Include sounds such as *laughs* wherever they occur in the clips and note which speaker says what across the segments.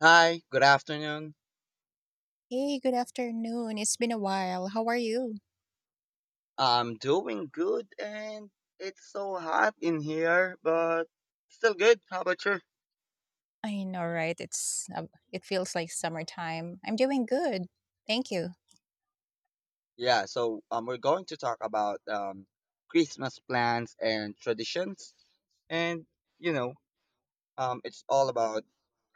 Speaker 1: Hi, good afternoon.
Speaker 2: Hey, good afternoon. It's been a while. How are you?
Speaker 1: I'm doing good, and it's so hot in here, but still good. How about you?
Speaker 2: I know, right? It's it feels like summertime. I'm doing good. Thank you.
Speaker 1: We're going to talk about Christmas plans and traditions. And, you know, it's all about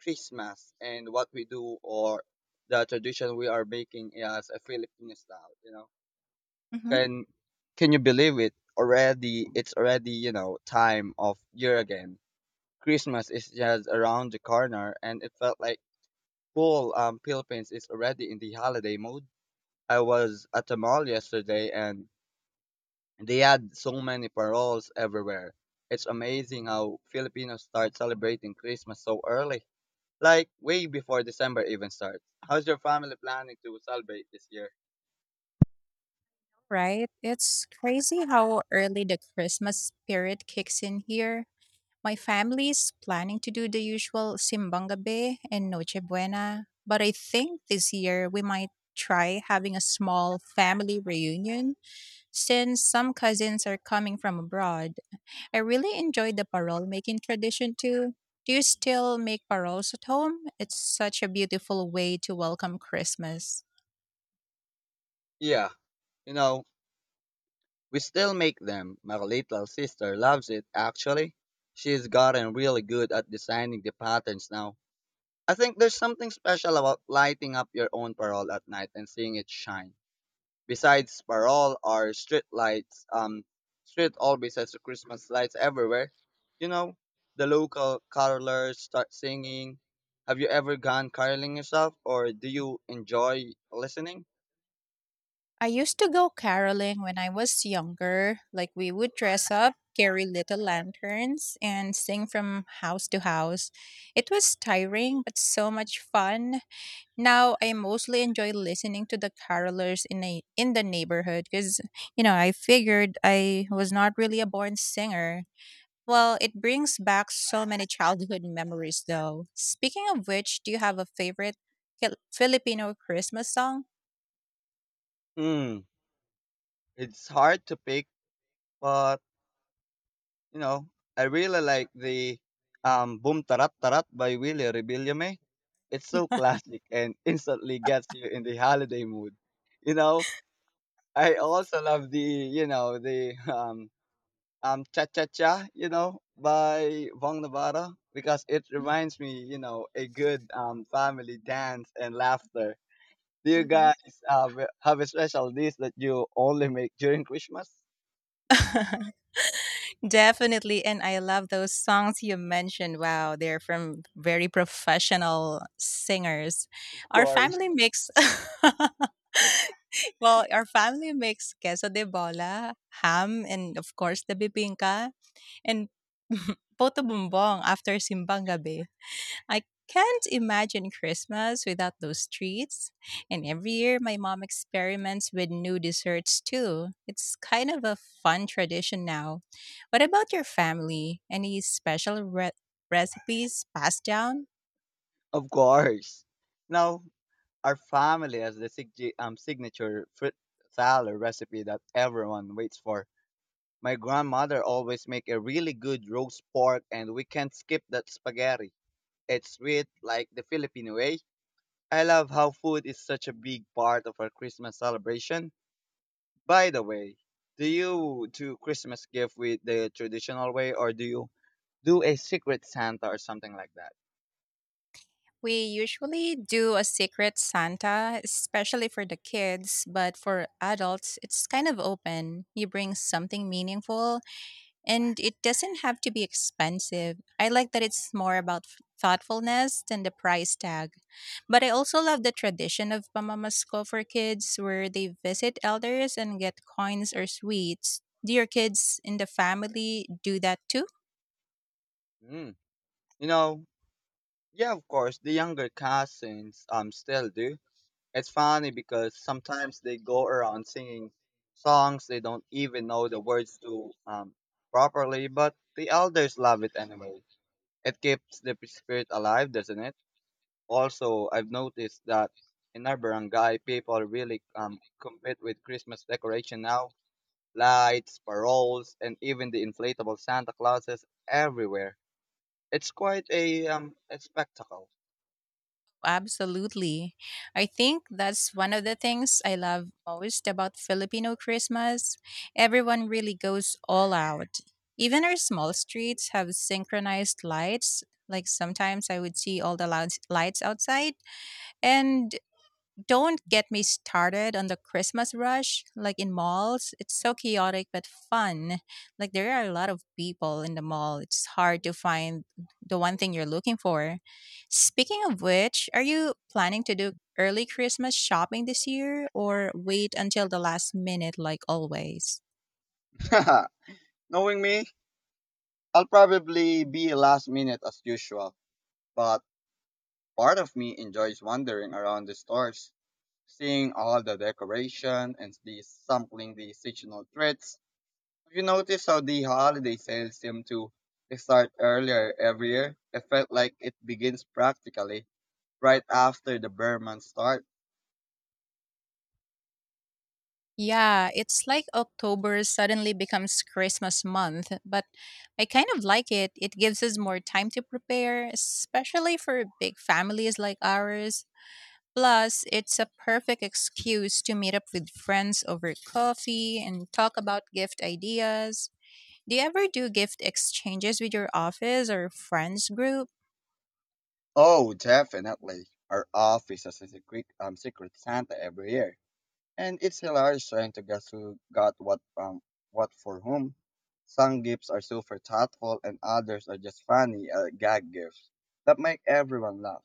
Speaker 1: Christmas and what we do, or the tradition we are making as a Filipino style, you know.
Speaker 2: hmm
Speaker 1: Can, can you believe it? Already, it's already, you know, Time of year again. Christmas is just around the corner, and it felt like cool. Philippines is already in the holiday mode. I was at the mall yesterday, and they had so many paroles everywhere. It's amazing how Filipinos start celebrating Christmas so early, like way before December even starts. How's your family planning to celebrate this year?
Speaker 2: Right? It's crazy how early the Christmas spirit kicks in here. My family's planning to do the usual Simbangabe and Noche Buena, but I think this year we might try having a small family reunion since some cousins are coming from abroad. I really enjoyed the parole making tradition too. Do you still make paroles at home? It's such a beautiful way to welcome Christmas.
Speaker 1: Yeah, you know, we still make them. My little sister loves it, actually. She's gotten really good at designing the patterns now. I think there's something special about lighting up your own parole at night and seeing it shine. Besides parole or street lights, street always has the Christmas lights everywhere. You know, the local carolers start singing. Have you ever gone caroling yourself, or do you enjoy listening?
Speaker 2: I used to go caroling when I was younger. Like we would dress up, carry little lanterns, and sing from house to house. It was tiring, but so much fun. Now I mostly enjoy listening to the carolers in the neighborhood because you know I figured I was not really a born singer. Well, it brings back so many childhood memories, though. Speaking of which, do you have a favorite Filipino Christmas song?
Speaker 1: Hmm, it's hard to pick, but you know, I really like the Boom Tarat Tarat by Willie Rebillame. It's so *laughs* classic and instantly gets you in the holiday mood. You know, I also love the Cha Cha Cha, you know, by Vong Navarro, because it reminds me, you know, a good family dance and laughter. Do you
Speaker 2: hmm
Speaker 1: guys uh, have a special dish that you only make during Christmas?
Speaker 2: Definitely, and I love those songs you mentioned. Wow, they're from very professional singers.
Speaker 1: Of
Speaker 2: Our
Speaker 1: course.
Speaker 2: family makes *laughs* well, our family makes queso de bola, ham, and of course the bibingka and poto bumbong after simbang gabi. I can't imagine Christmas without those treats. And every year, my mom experiments with new desserts too. It's kind of a fun tradition now. What about your family? Any special recipes passed down?
Speaker 1: Of course. Now, our family has the signature fruit salad recipe that everyone waits for. My grandmother always make a really good roast pork, and we can't skip that spaghetti. It's sweet like the Filipino way. I love how food is such a big part of our Christmas celebration. By the way, do you do Christmas gift with the traditional way, or do you do a secret Santa or something like that?
Speaker 2: We usually do a secret Santa, especially for the kids, but for adults, it's kind of open. You bring something meaningful, and it doesn't have to be expensive. I like that it's more about thoughtfulness than the price tag. But I also love the tradition of pamamasko for kids where they visit elders and get coins or sweets. Do your kids in the family do that too?
Speaker 1: Mm. You know, yeah, of course, the younger cousins still do. It's funny because sometimes they go around singing songs they don't even know the words to properly, but the elders love it anyway. It keeps the spirit alive, doesn't it? Also, I've noticed that in our barangay, people really compete with Christmas decoration now. Lights, paroles, and even the inflatable Santa Clauses everywhere. It's quite a spectacle.
Speaker 2: Absolutely. I think that's one of the things I love most about Filipino Christmas. Everyone really goes all out. Even our small streets have synchronized lights. Like sometimes I would see all the lights outside, and don't get me started on the Christmas rush, like in malls. It's so chaotic but fun. Like there are a lot of people in the mall. It's hard to find the one thing you're looking for. Speaking of which, are you planning to do early Christmas shopping this year or wait until the last minute like always?
Speaker 1: *laughs* Knowing me, I'll probably be last minute as usual, but part of me enjoys wandering around the stores, seeing all the decoration and the sampling the seasonal treats. Have you noticed how the holiday sales seem to start earlier every year? It felt like it begins practically right after the bear month start.
Speaker 2: Yeah, it's like October suddenly becomes Christmas month, but I kind of like it. It gives us more time to prepare, especially for big families like ours. Plus, it's a perfect excuse to meet up with friends over coffee and talk about gift ideas. Do you ever do gift exchanges with your office or friends group?
Speaker 1: Oh, definitely. Our office has a secret Santa every year, and it's hilarious trying to guess who got what from what for whom. Some gifts are super thoughtful, and others are just funny gag gifts that make everyone laugh.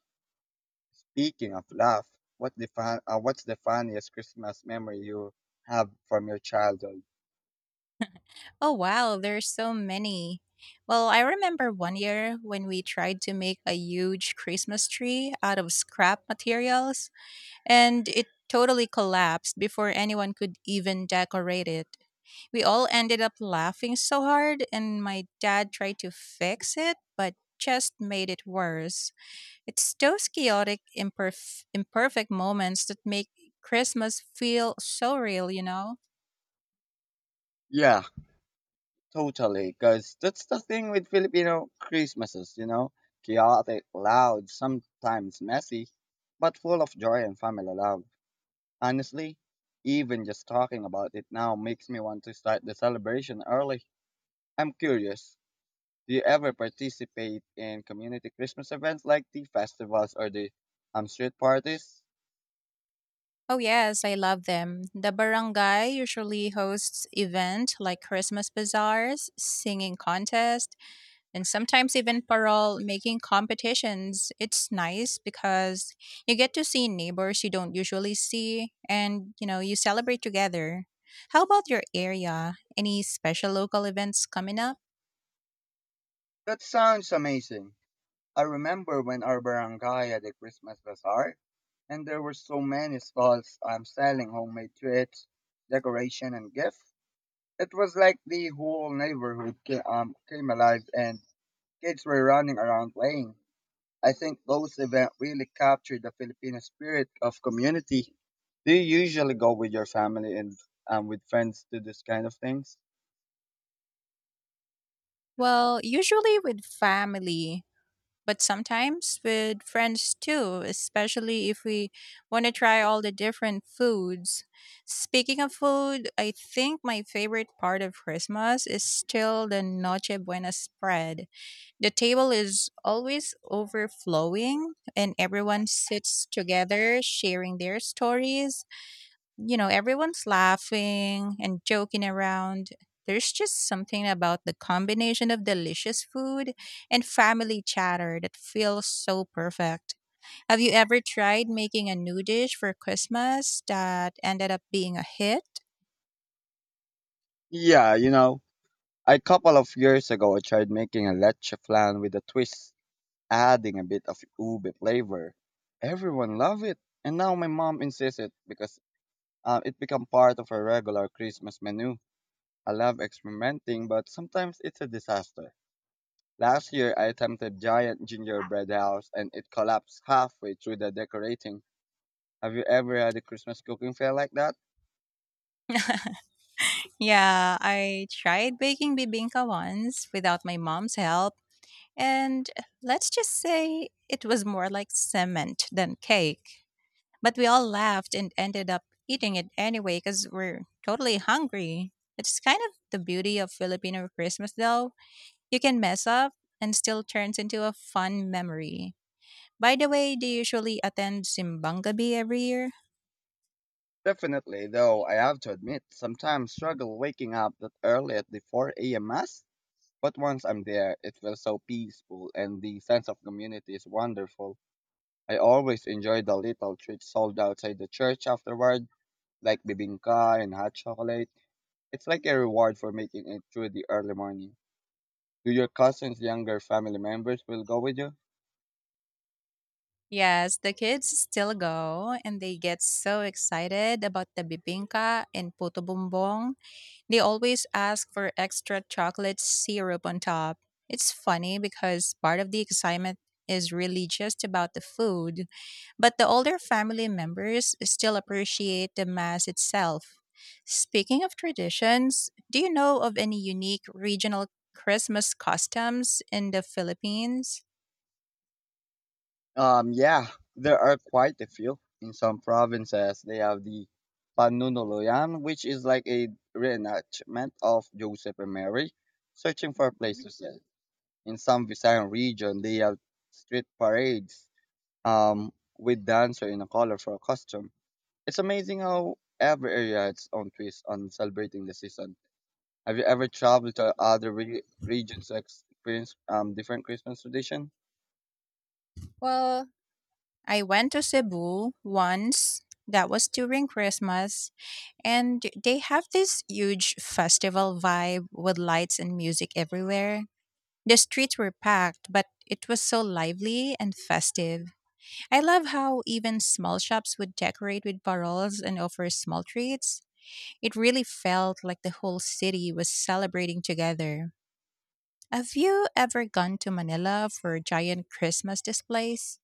Speaker 1: Speaking of laugh, what's the funniest Christmas memory you have from your childhood?
Speaker 2: Oh wow, there's so many. Well, I remember one year when we tried to make a huge Christmas tree out of scrap materials, and it totally collapsed before anyone could even decorate it. We all ended up laughing so hard, and my dad tried to fix it, but just made it worse. It's those chaotic, imperfect moments that make Christmas feel so real, you know?
Speaker 1: Yeah, totally. Because that's the thing with Filipino Christmases, you know? Chaotic, loud, sometimes messy, but full of joy and family love. Honestly, even just talking about it now makes me want to start the celebration early. I'm curious, do you ever participate in community Christmas events like the festivals or the street parties?
Speaker 2: Oh yes, I love them. The barangay usually hosts events like Christmas bazaars, singing contest, and sometimes even parole making competitions. It's nice because you get to see neighbors you don't usually see and, you know, you celebrate together. How about your area? Any special local events coming up?
Speaker 1: That sounds amazing. I remember when our barangay had a Christmas bazaar, and there were so many stalls selling homemade treats, decoration, and gifts. It was like the whole neighborhood came alive, and kids were running around playing. I think those events really capture the Filipino spirit of community. Do you usually go with your family and with friends to this kind of things?
Speaker 2: Well, usually with family, but sometimes with friends too, especially if we want to try all the different foods. Speaking of food, I think my favorite part of Christmas is still the Noche Buena spread. The table is always overflowing and everyone sits together sharing their stories, you know, everyone's laughing and joking around. There's just something about the combination of delicious food and family chatter that feels so perfect. Have you ever tried making a new dish for Christmas that ended up being a hit?
Speaker 1: Yeah, you know, a couple of years ago, I tried making a leche flan with a twist, adding a bit of ube flavor. Everyone loved it, and now my mom insists it, because it become part of her regular Christmas menu. I love experimenting, but sometimes it's a disaster. Last year, I attempted giant gingerbread house, and it collapsed halfway through the decorating. Have you ever had a Christmas cooking fail like that?
Speaker 2: Yeah, I tried baking bibinka once without my mom's help, and let's just say it was more like cement than cake. But we all laughed and ended up eating it anyway because we're totally hungry. It's kind of the beauty of Filipino Christmas, though. You can mess up and still turns into a fun memory. By the way, do you usually attend Simbang Gabi every year?
Speaker 1: Definitely, though I have to admit, sometimes struggle waking up that early at the 4 a.m. mass. But once I'm there, it feels so peaceful, and the sense of community is wonderful. I always enjoy the little treats sold outside the church afterward, like bibingka and hot chocolate. It's like a reward for making it through the early morning. Do your cousins, younger family members, will go with you?
Speaker 2: Yes, the kids still go and they get so excited about the bibingka and puto bumbong. They always ask for extra chocolate syrup on top. It's funny because part of the excitement is really just about the food, but the older family members still appreciate the mass itself. Speaking of traditions, do you know of any unique regional Christmas customs in the Philippines?
Speaker 1: Yeah, there are quite a few. In some provinces, they have the Panunuluyan, which is like a reenactment of Joseph and Mary searching for a place to sell. In some Visayan region, they have street parades um, with dancer in a colorful costume. It's amazing how every area has its own twist on celebrating the season. Have you ever traveled to other regions to experience different Christmas tradition?
Speaker 2: Well, I went to Cebu once. That was during Christmas, and they have this huge festival vibe with lights and music everywhere. The streets were packed, but it was so lively and festive. I love how even small shops would decorate with barrels and offer small treats. It really felt like the whole city was celebrating together. Have you ever gone to Manila for giant Christmas displays?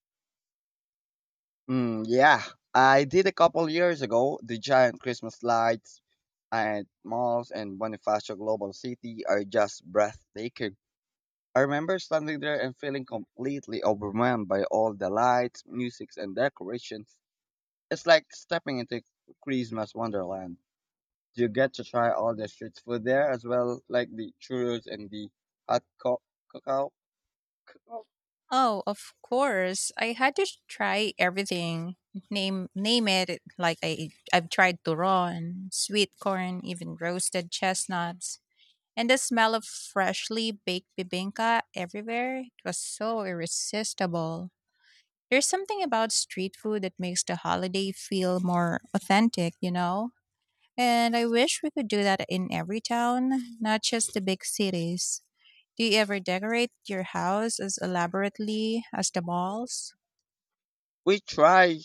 Speaker 1: Mm, yeah, I did a couple years ago. The giant Christmas lights at malls and Bonifacio Global City are just breathtaking. I remember standing there and feeling completely overwhelmed by all the lights, music, and decorations. It's like stepping into Christmas wonderland. You get to try all the street food there as well, like the churros and the hot co- cocoa. Cocoa.
Speaker 2: Oh, of course. I had to try everything. Name it. Like I've tried turon, sweet corn, even roasted chestnuts. And the smell of freshly baked bibinka everywhere, it was so irresistible. There's something about street food that makes the holiday feel more authentic, you know? And I wish we could do that in every town, not just the big cities. Do you ever decorate your house as elaborately as the malls?
Speaker 1: We try.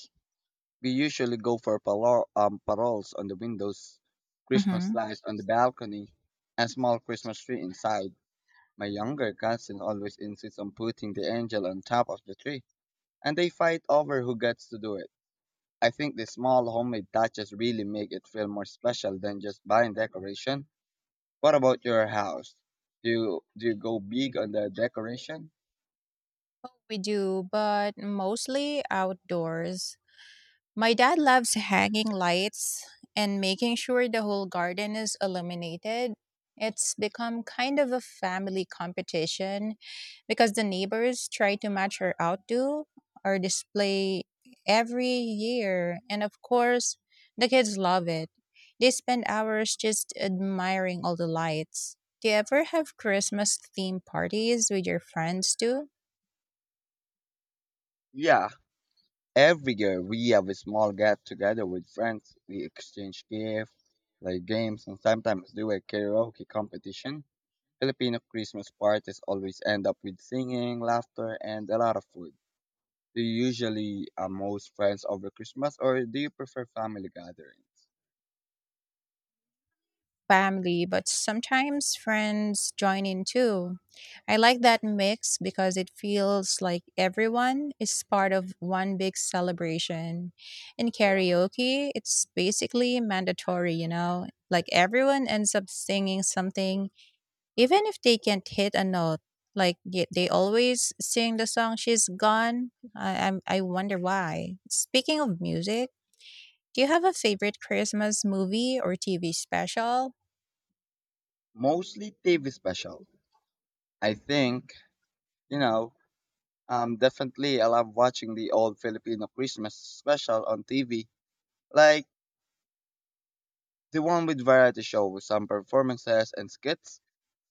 Speaker 1: We usually go for paroles on the windows, Christmas
Speaker 2: hmm
Speaker 1: lights on the balcony, and small Christmas tree inside. My younger cousin always insists on putting the angel on top of the tree, and they fight over who gets to do it. I think the small homemade touches really make it feel more special than just buying decoration. What about your house? Do you go big on the decoration?
Speaker 2: We do, but mostly outdoors. My dad loves hanging lights and making sure the whole garden is illuminated. It's become kind of a family competition because the neighbors try to match our outdo or display every year. And of course, the kids love it. They spend hours just admiring all the lights. Do you ever have Christmas theme parties with your friends too?
Speaker 1: Yeah, every year we have a small get together with friends. We exchange gifts, play games, and sometimes do a karaoke competition. Filipino Christmas parties always end up with singing, laughter, and a lot of food. Do you usually amuse friends over Christmas, or do you prefer family gatherings?
Speaker 2: Family, but sometimes friends join in too. I like that mix because it feels like everyone is part of one big celebration. In karaoke, it's basically mandatory, you know? Like everyone ends up singing something, even if they can't hit a note. Like they always sing the song "She's Gone." I wonder why. Speaking of music, do you have a favorite Christmas movie or TV special?
Speaker 1: Mostly TV special. I think, you know, definitely I love watching the old Filipino Christmas special on TV. Like, the one with variety shows, some performances and skits,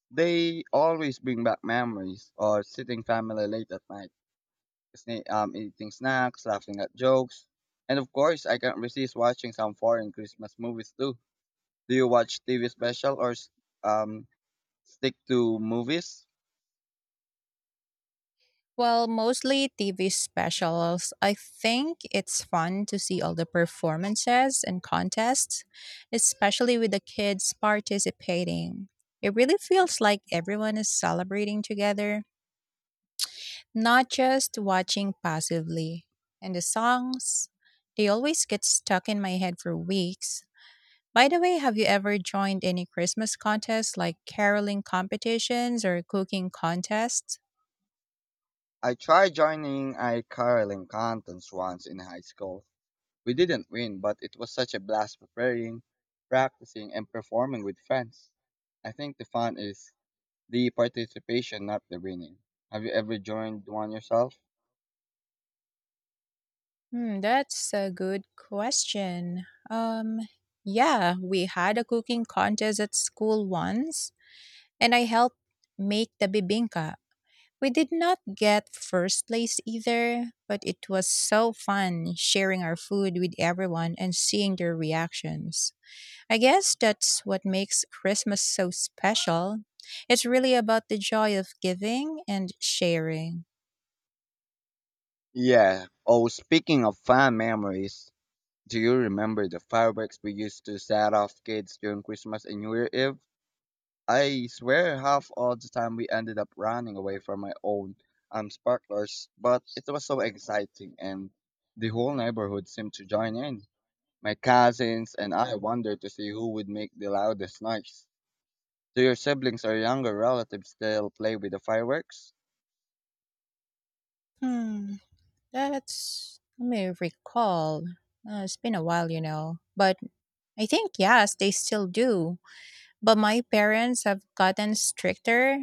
Speaker 1: they always bring back memories or sitting family late at night, eating snacks, laughing at jokes. And of course, I can't resist watching some foreign Christmas movies too. Do you watch TV special or um, stick to movies?
Speaker 2: Well, mostly TV specials. I think it's fun to see all the performances and contests, especially with the kids participating. It really feels like everyone is celebrating together, not just watching passively. And the songs, they always get stuck in my head for weeks. By the way, have you ever joined any Christmas contests like caroling competitions or cooking contests?
Speaker 1: I tried joining a caroling contest once in high school. We didn't win, but it was such a blast preparing, practicing, and performing with friends. I think the fun is the participation, not the winning. Have you ever joined one yourself?
Speaker 2: Hmm, that's a good question. Yeah, we had a cooking contest at school once, and I helped make the bibinka. We did not get first place either, but it was so fun sharing our food with everyone and seeing their reactions. I guess that's what makes Christmas so special. It's really about the joy of giving and sharing.
Speaker 1: Yeah. Oh, speaking of fun memories, do you remember the fireworks we used to set off kids during Christmas and New Year Eve? I swear half all the time we ended up running away from my own sparklers, but it was so exciting, and the whole neighborhood seemed to join in. My cousins and I wondered to see who would make the loudest noise. Do your siblings or younger relatives still play with the fireworks?
Speaker 2: Hmm. That's Let me recall. It's been a while, you know. But I think yes, they still do. But my parents have gotten stricter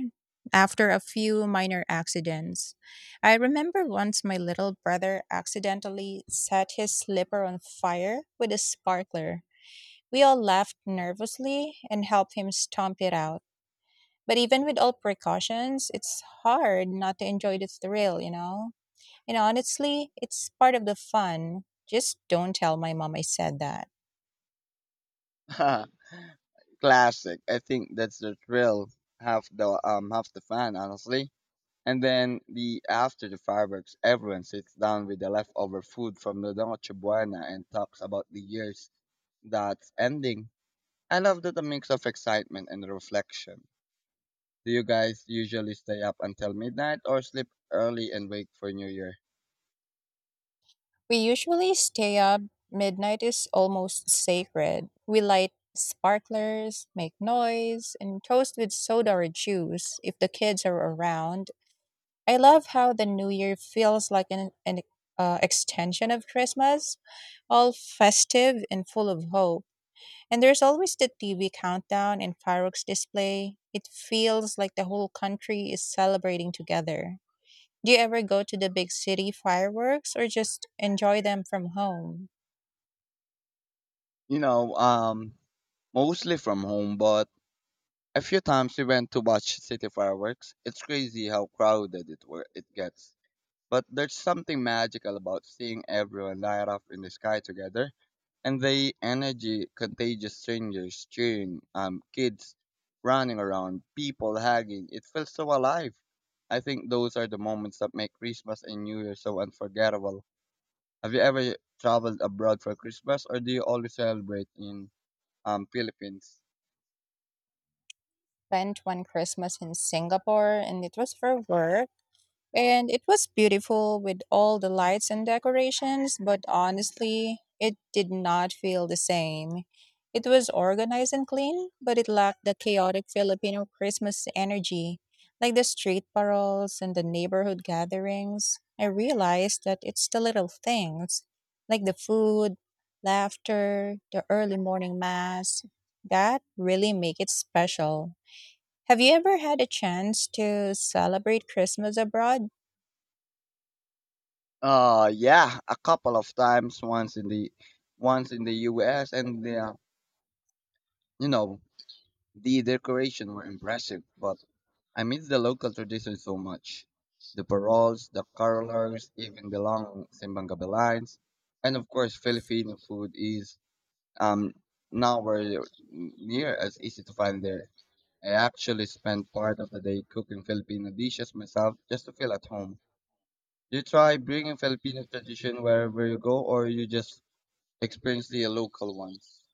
Speaker 2: after a few minor accidents. I remember once my little brother accidentally set his slipper on fire with a sparkler. We all laughed nervously and helped him stomp it out. But even with all precautions, it's hard not to enjoy the thrill, you know? And honestly, it's part of the fun. Just don't tell my mom I said that.
Speaker 1: *laughs* Classic. I think that's the thrill. Half the fun, honestly. And then the after the fireworks, everyone sits down with the leftover food from the Noche Buena and talks about the years that's ending. I love that a mix of excitement and reflection. Do you guys usually stay up until midnight or sleep early and wake for New Year?
Speaker 2: We usually stay up. Midnight is almost sacred. We light sparklers, make noise, and toast with soda or juice if the kids are around. I love how the new year feels like an extension of Christmas, all festive and full of hope. And there's always the TV countdown and fireworks display. It feels like the whole country is celebrating together. Do you ever go to the big city fireworks or just enjoy them from home?
Speaker 1: You know, um, Mostly from home, but a few times we went to watch city fireworks. It's crazy how crowded it gets. But there's something magical about seeing everyone light up in the sky together, and the energy contagious strangers cheering, kids running around, people hugging. It feels so alive. I think those are the moments that make Christmas and New Year so unforgettable. Have you ever traveled abroad for Christmas, or do you always celebrate in Philippines?
Speaker 2: Spent one Christmas in Singapore and it was for work, and it was beautiful with all the lights and decorations, but honestly, it did not feel the same. It was organized and clean, but it lacked the chaotic Filipino Christmas energy, like the street paroles and the neighborhood gatherings. I realized that it's the little things, like the food, laughter, the early morning mass, that really make it special. Have you ever had a chance to celebrate Christmas abroad?
Speaker 1: Yeah, a couple of times. Once in the U.S., and the you know the decoration were impressive, but I miss the local tradition so much. The paroles, the carolers, even the long simbang gabi lines, and of course Filipino food is um nowhere near as easy to find there. I actually spent part of the day cooking Filipino dishes myself just to feel at home. Do you try bringing Filipino tradition wherever you go, or you just experience the local ones?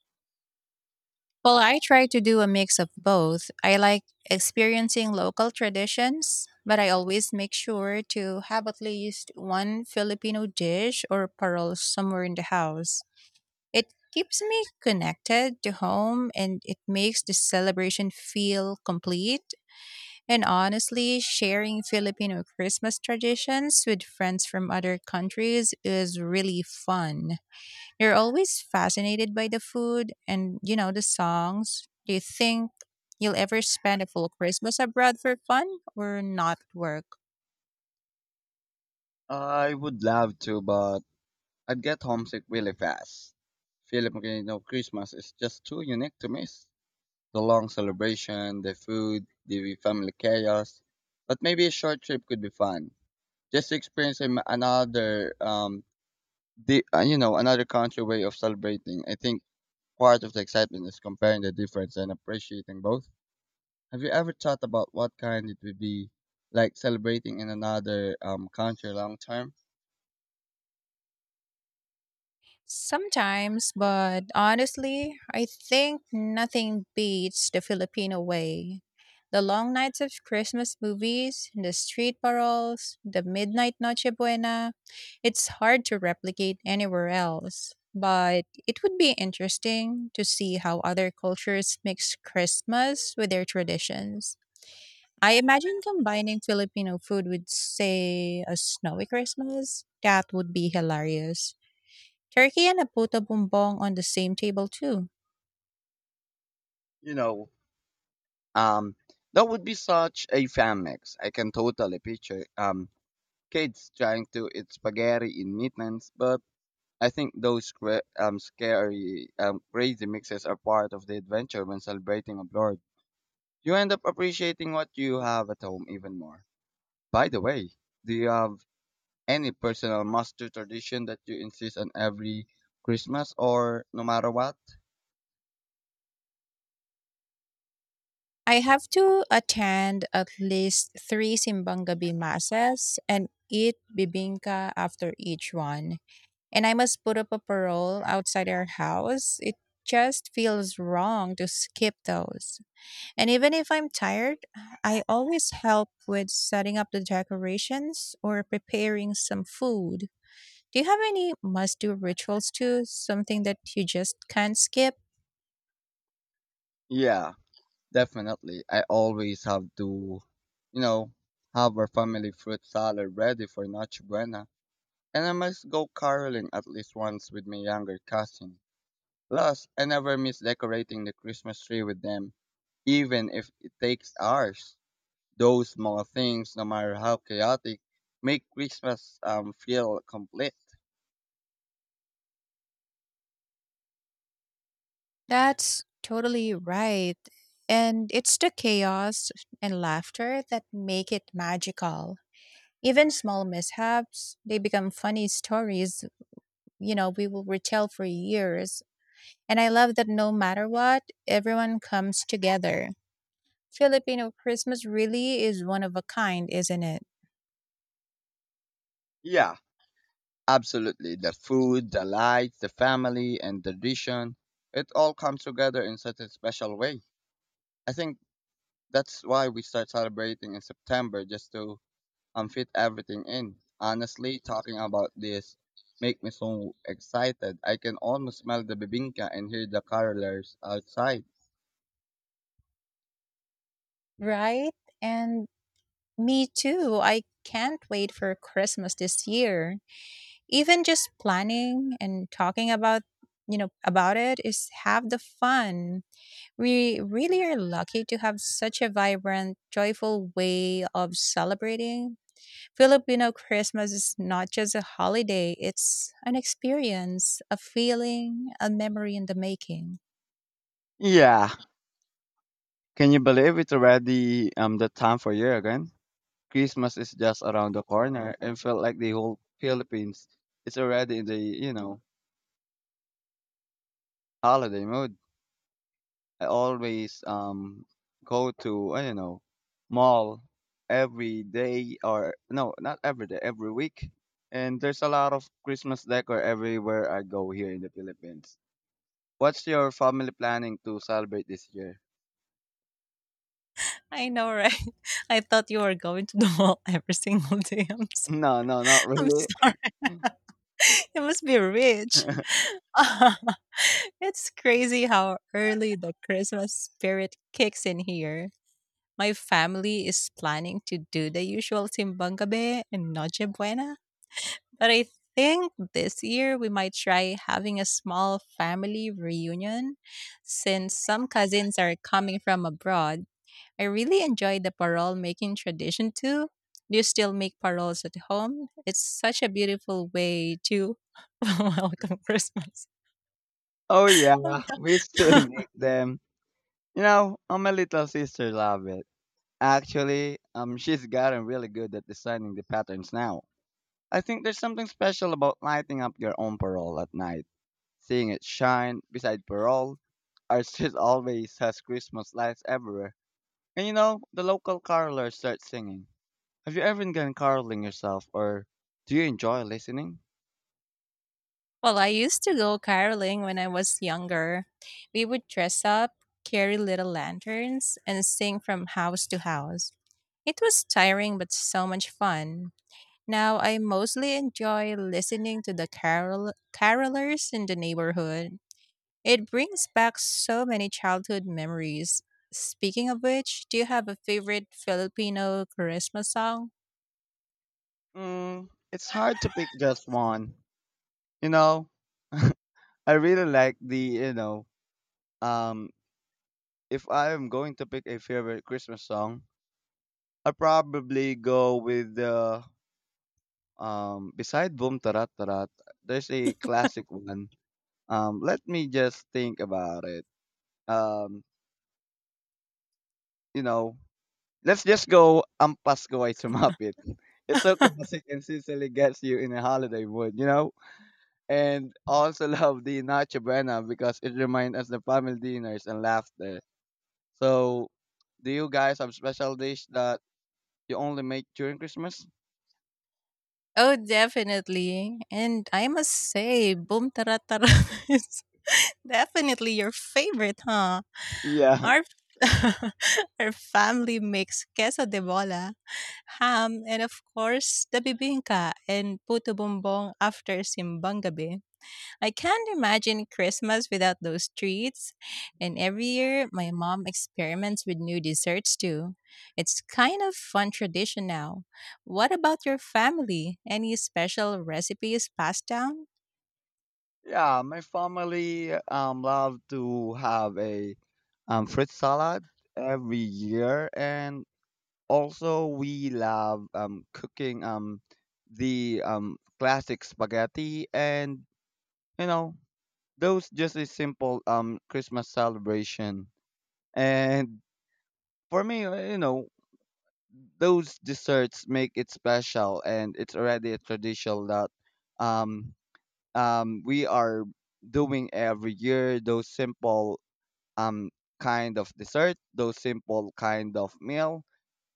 Speaker 2: Well, I try to do a mix of both. I like experiencing local traditions, but I always make sure to have at least one Filipino dish or parol somewhere in the house. It keeps me connected to home and it makes the celebration feel complete. And honestly, sharing Filipino Christmas traditions with friends from other countries is really fun. You're always fascinated by the food and, you know, the songs. Do you think you'll ever spend a full Christmas abroad for fun or not at work?
Speaker 1: I would love to, but I'd get homesick really fast. Filipino Christmas is just too unique to miss. The long celebration, the food, the family chaos. But maybe a short trip could be fun. Just experiencing another, the you know, another country way of celebrating. I think part of the excitement is comparing the difference and appreciating both. Have you ever thought about what kind it would be like celebrating in another country long term?
Speaker 2: Sometimes, but honestly, I think nothing beats the Filipino way. The long nights of Christmas movies, the street paroles, the midnight Noche Buena, it's hard to replicate anywhere else. But it would be interesting to see how other cultures mix Christmas with their traditions. I imagine combining Filipino food with, say, a snowy Christmas. That would be hilarious. Turkey and a puto bumbong on the same table too.
Speaker 1: You know, um, that would be such a fan mix. I can totally picture kids trying to eat spaghetti in Midlands, but I think those scary, crazy mixes are part of the adventure when celebrating abroad. You end up appreciating what you have at home even more. By the way, do you have any personal must do tradition that you insist on every Christmas or no matter what?
Speaker 2: I have to attend at least three simbang gabi masses and eat bibingka after each one. And I must put up a parole outside our house. It just feels wrong to skip those. And even if I'm tired, I always help with setting up the decorations or preparing some food. Do you have any must do rituals too? Something that you just can't skip?
Speaker 1: Yeah, definitely. I always have to, you know, have our family fruit salad ready for Noche Buena. And I must go caroling at least once with my younger cousin. Plus, I never miss decorating the Christmas tree with them, even if it takes hours. Those small things, no matter how chaotic, make Christmas feel complete.
Speaker 2: That's totally right. And it's the chaos and laughter that make it magical. Even small mishaps, they become funny stories, you know, we will retell for years. And I love that no matter what, everyone comes together. Filipino Christmas really is one of a kind, isn't it?
Speaker 1: Yeah, absolutely. The food, the lights, the family, and the tradition, it all comes together in such a special way. I think that's why we start celebrating in September just to fit everything in. Honestly, talking about this make me so excited. I can almost smell the bibinka and hear the carolers outside.
Speaker 2: Right? And me too. I can't wait for Christmas this year. Even just planning and talking about, you know, about it is half the fun. We really are lucky to have such a vibrant, joyful way of celebrating. Filipino Christmas is not just a holiday, it's an experience, a feeling, a memory in the making.
Speaker 1: Yeah. Can you believe it's already the time for year again? Christmas is just around the corner and felt like the whole Philippines is already in the holiday mood. I always go to I don't know mall every day or not every day, every week. And there's a lot of Christmas decor everywhere I go here in the Philippines. What's your family planning to celebrate this year? *laughs*
Speaker 2: I know, right? *laughs* I thought you were going to the mall every *laughs* single day.
Speaker 1: No, no, not
Speaker 2: I'm
Speaker 1: really.
Speaker 2: sorry. *laughs* You must be rich.
Speaker 1: *laughs*
Speaker 2: *laughs* It's crazy how early the Christmas spirit kicks in here. My family is planning to do the usual Simbang Gabi and Noche Buena, but I think this year we might try having a small family reunion since some cousins are coming from abroad. I really enjoy the parol making tradition too. Do you still make parols at home? It's such a beautiful way to *laughs* welcome Christmas.
Speaker 1: Oh yeah,
Speaker 2: I'm
Speaker 1: we still
Speaker 2: sorry.
Speaker 1: make them. You know, my little sister love it. Actually, she's gotten really good at designing the patterns now. I think there's something special about lighting up your own parole at night. Seeing it shine beside parole. Our street *laughs* always has Christmas lights everywhere. And you know, the local carolers start singing. Have you ever done caroling yourself or do you enjoy listening?
Speaker 2: Well, I used to go caroling when I was younger. We would dress up, carry little lanterns, and sing from house to house. It was tiring but so much fun. Now I mostly enjoy listening to the carolers in the neighborhood. It brings back so many childhood memories. Speaking of which, do you have a favorite Filipino Christmas song?
Speaker 1: Mm, it's hard to pick just one. You know, *laughs* I really like um, if I am going to pick a favorite Christmas song, I'd probably go with the beside Boom Tarat Tarat, there's a classic one. Let me just think about it. Um, you know, let's just go Ampas Gaway Sumapit. *laughs* It's so classic and sincerely gets you in a holiday mood, you know? And also *laughs* love the Nacho Buena because it reminds us the family dinners and laughter. So, do you guys have special dish that you only make during Christmas?
Speaker 2: Oh, definitely. And I must say, Boom Tara Tara *laughs* is definitely your favorite, huh?
Speaker 1: Yeah. *laughs*
Speaker 2: Our *laughs* our family makes queso de bola, ham, and of course the bibingka and puto bumbong after simbang gabi. I can't imagine Christmas without those treats. And every year, my mom experiments with new desserts too. It's kind of fun tradition now. What about your family? Any special recipes passed down?
Speaker 1: Yeah, my family love to have a fruit salad every year, and also we love cooking um the classic spaghetti, and you know those just a simple Christmas celebration. And for me, you know, those desserts make it special, and it's already a tradition that um we are doing every year those simple um, kind of dessert, those simple kind of meal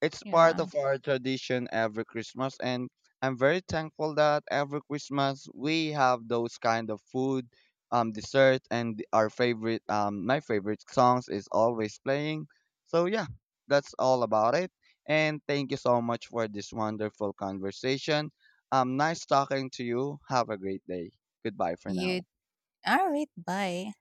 Speaker 1: it's part
Speaker 2: Yeah.
Speaker 1: of our tradition every Christmas, and I'm very thankful that every Christmas we have those kind of food, dessert, and our favorite, my favorite songs is always playing. So yeah, that's all about it. And thank you so much for this wonderful conversation. Nice talking to you. Have a great day. Goodbye for now.
Speaker 2: You all right, bye.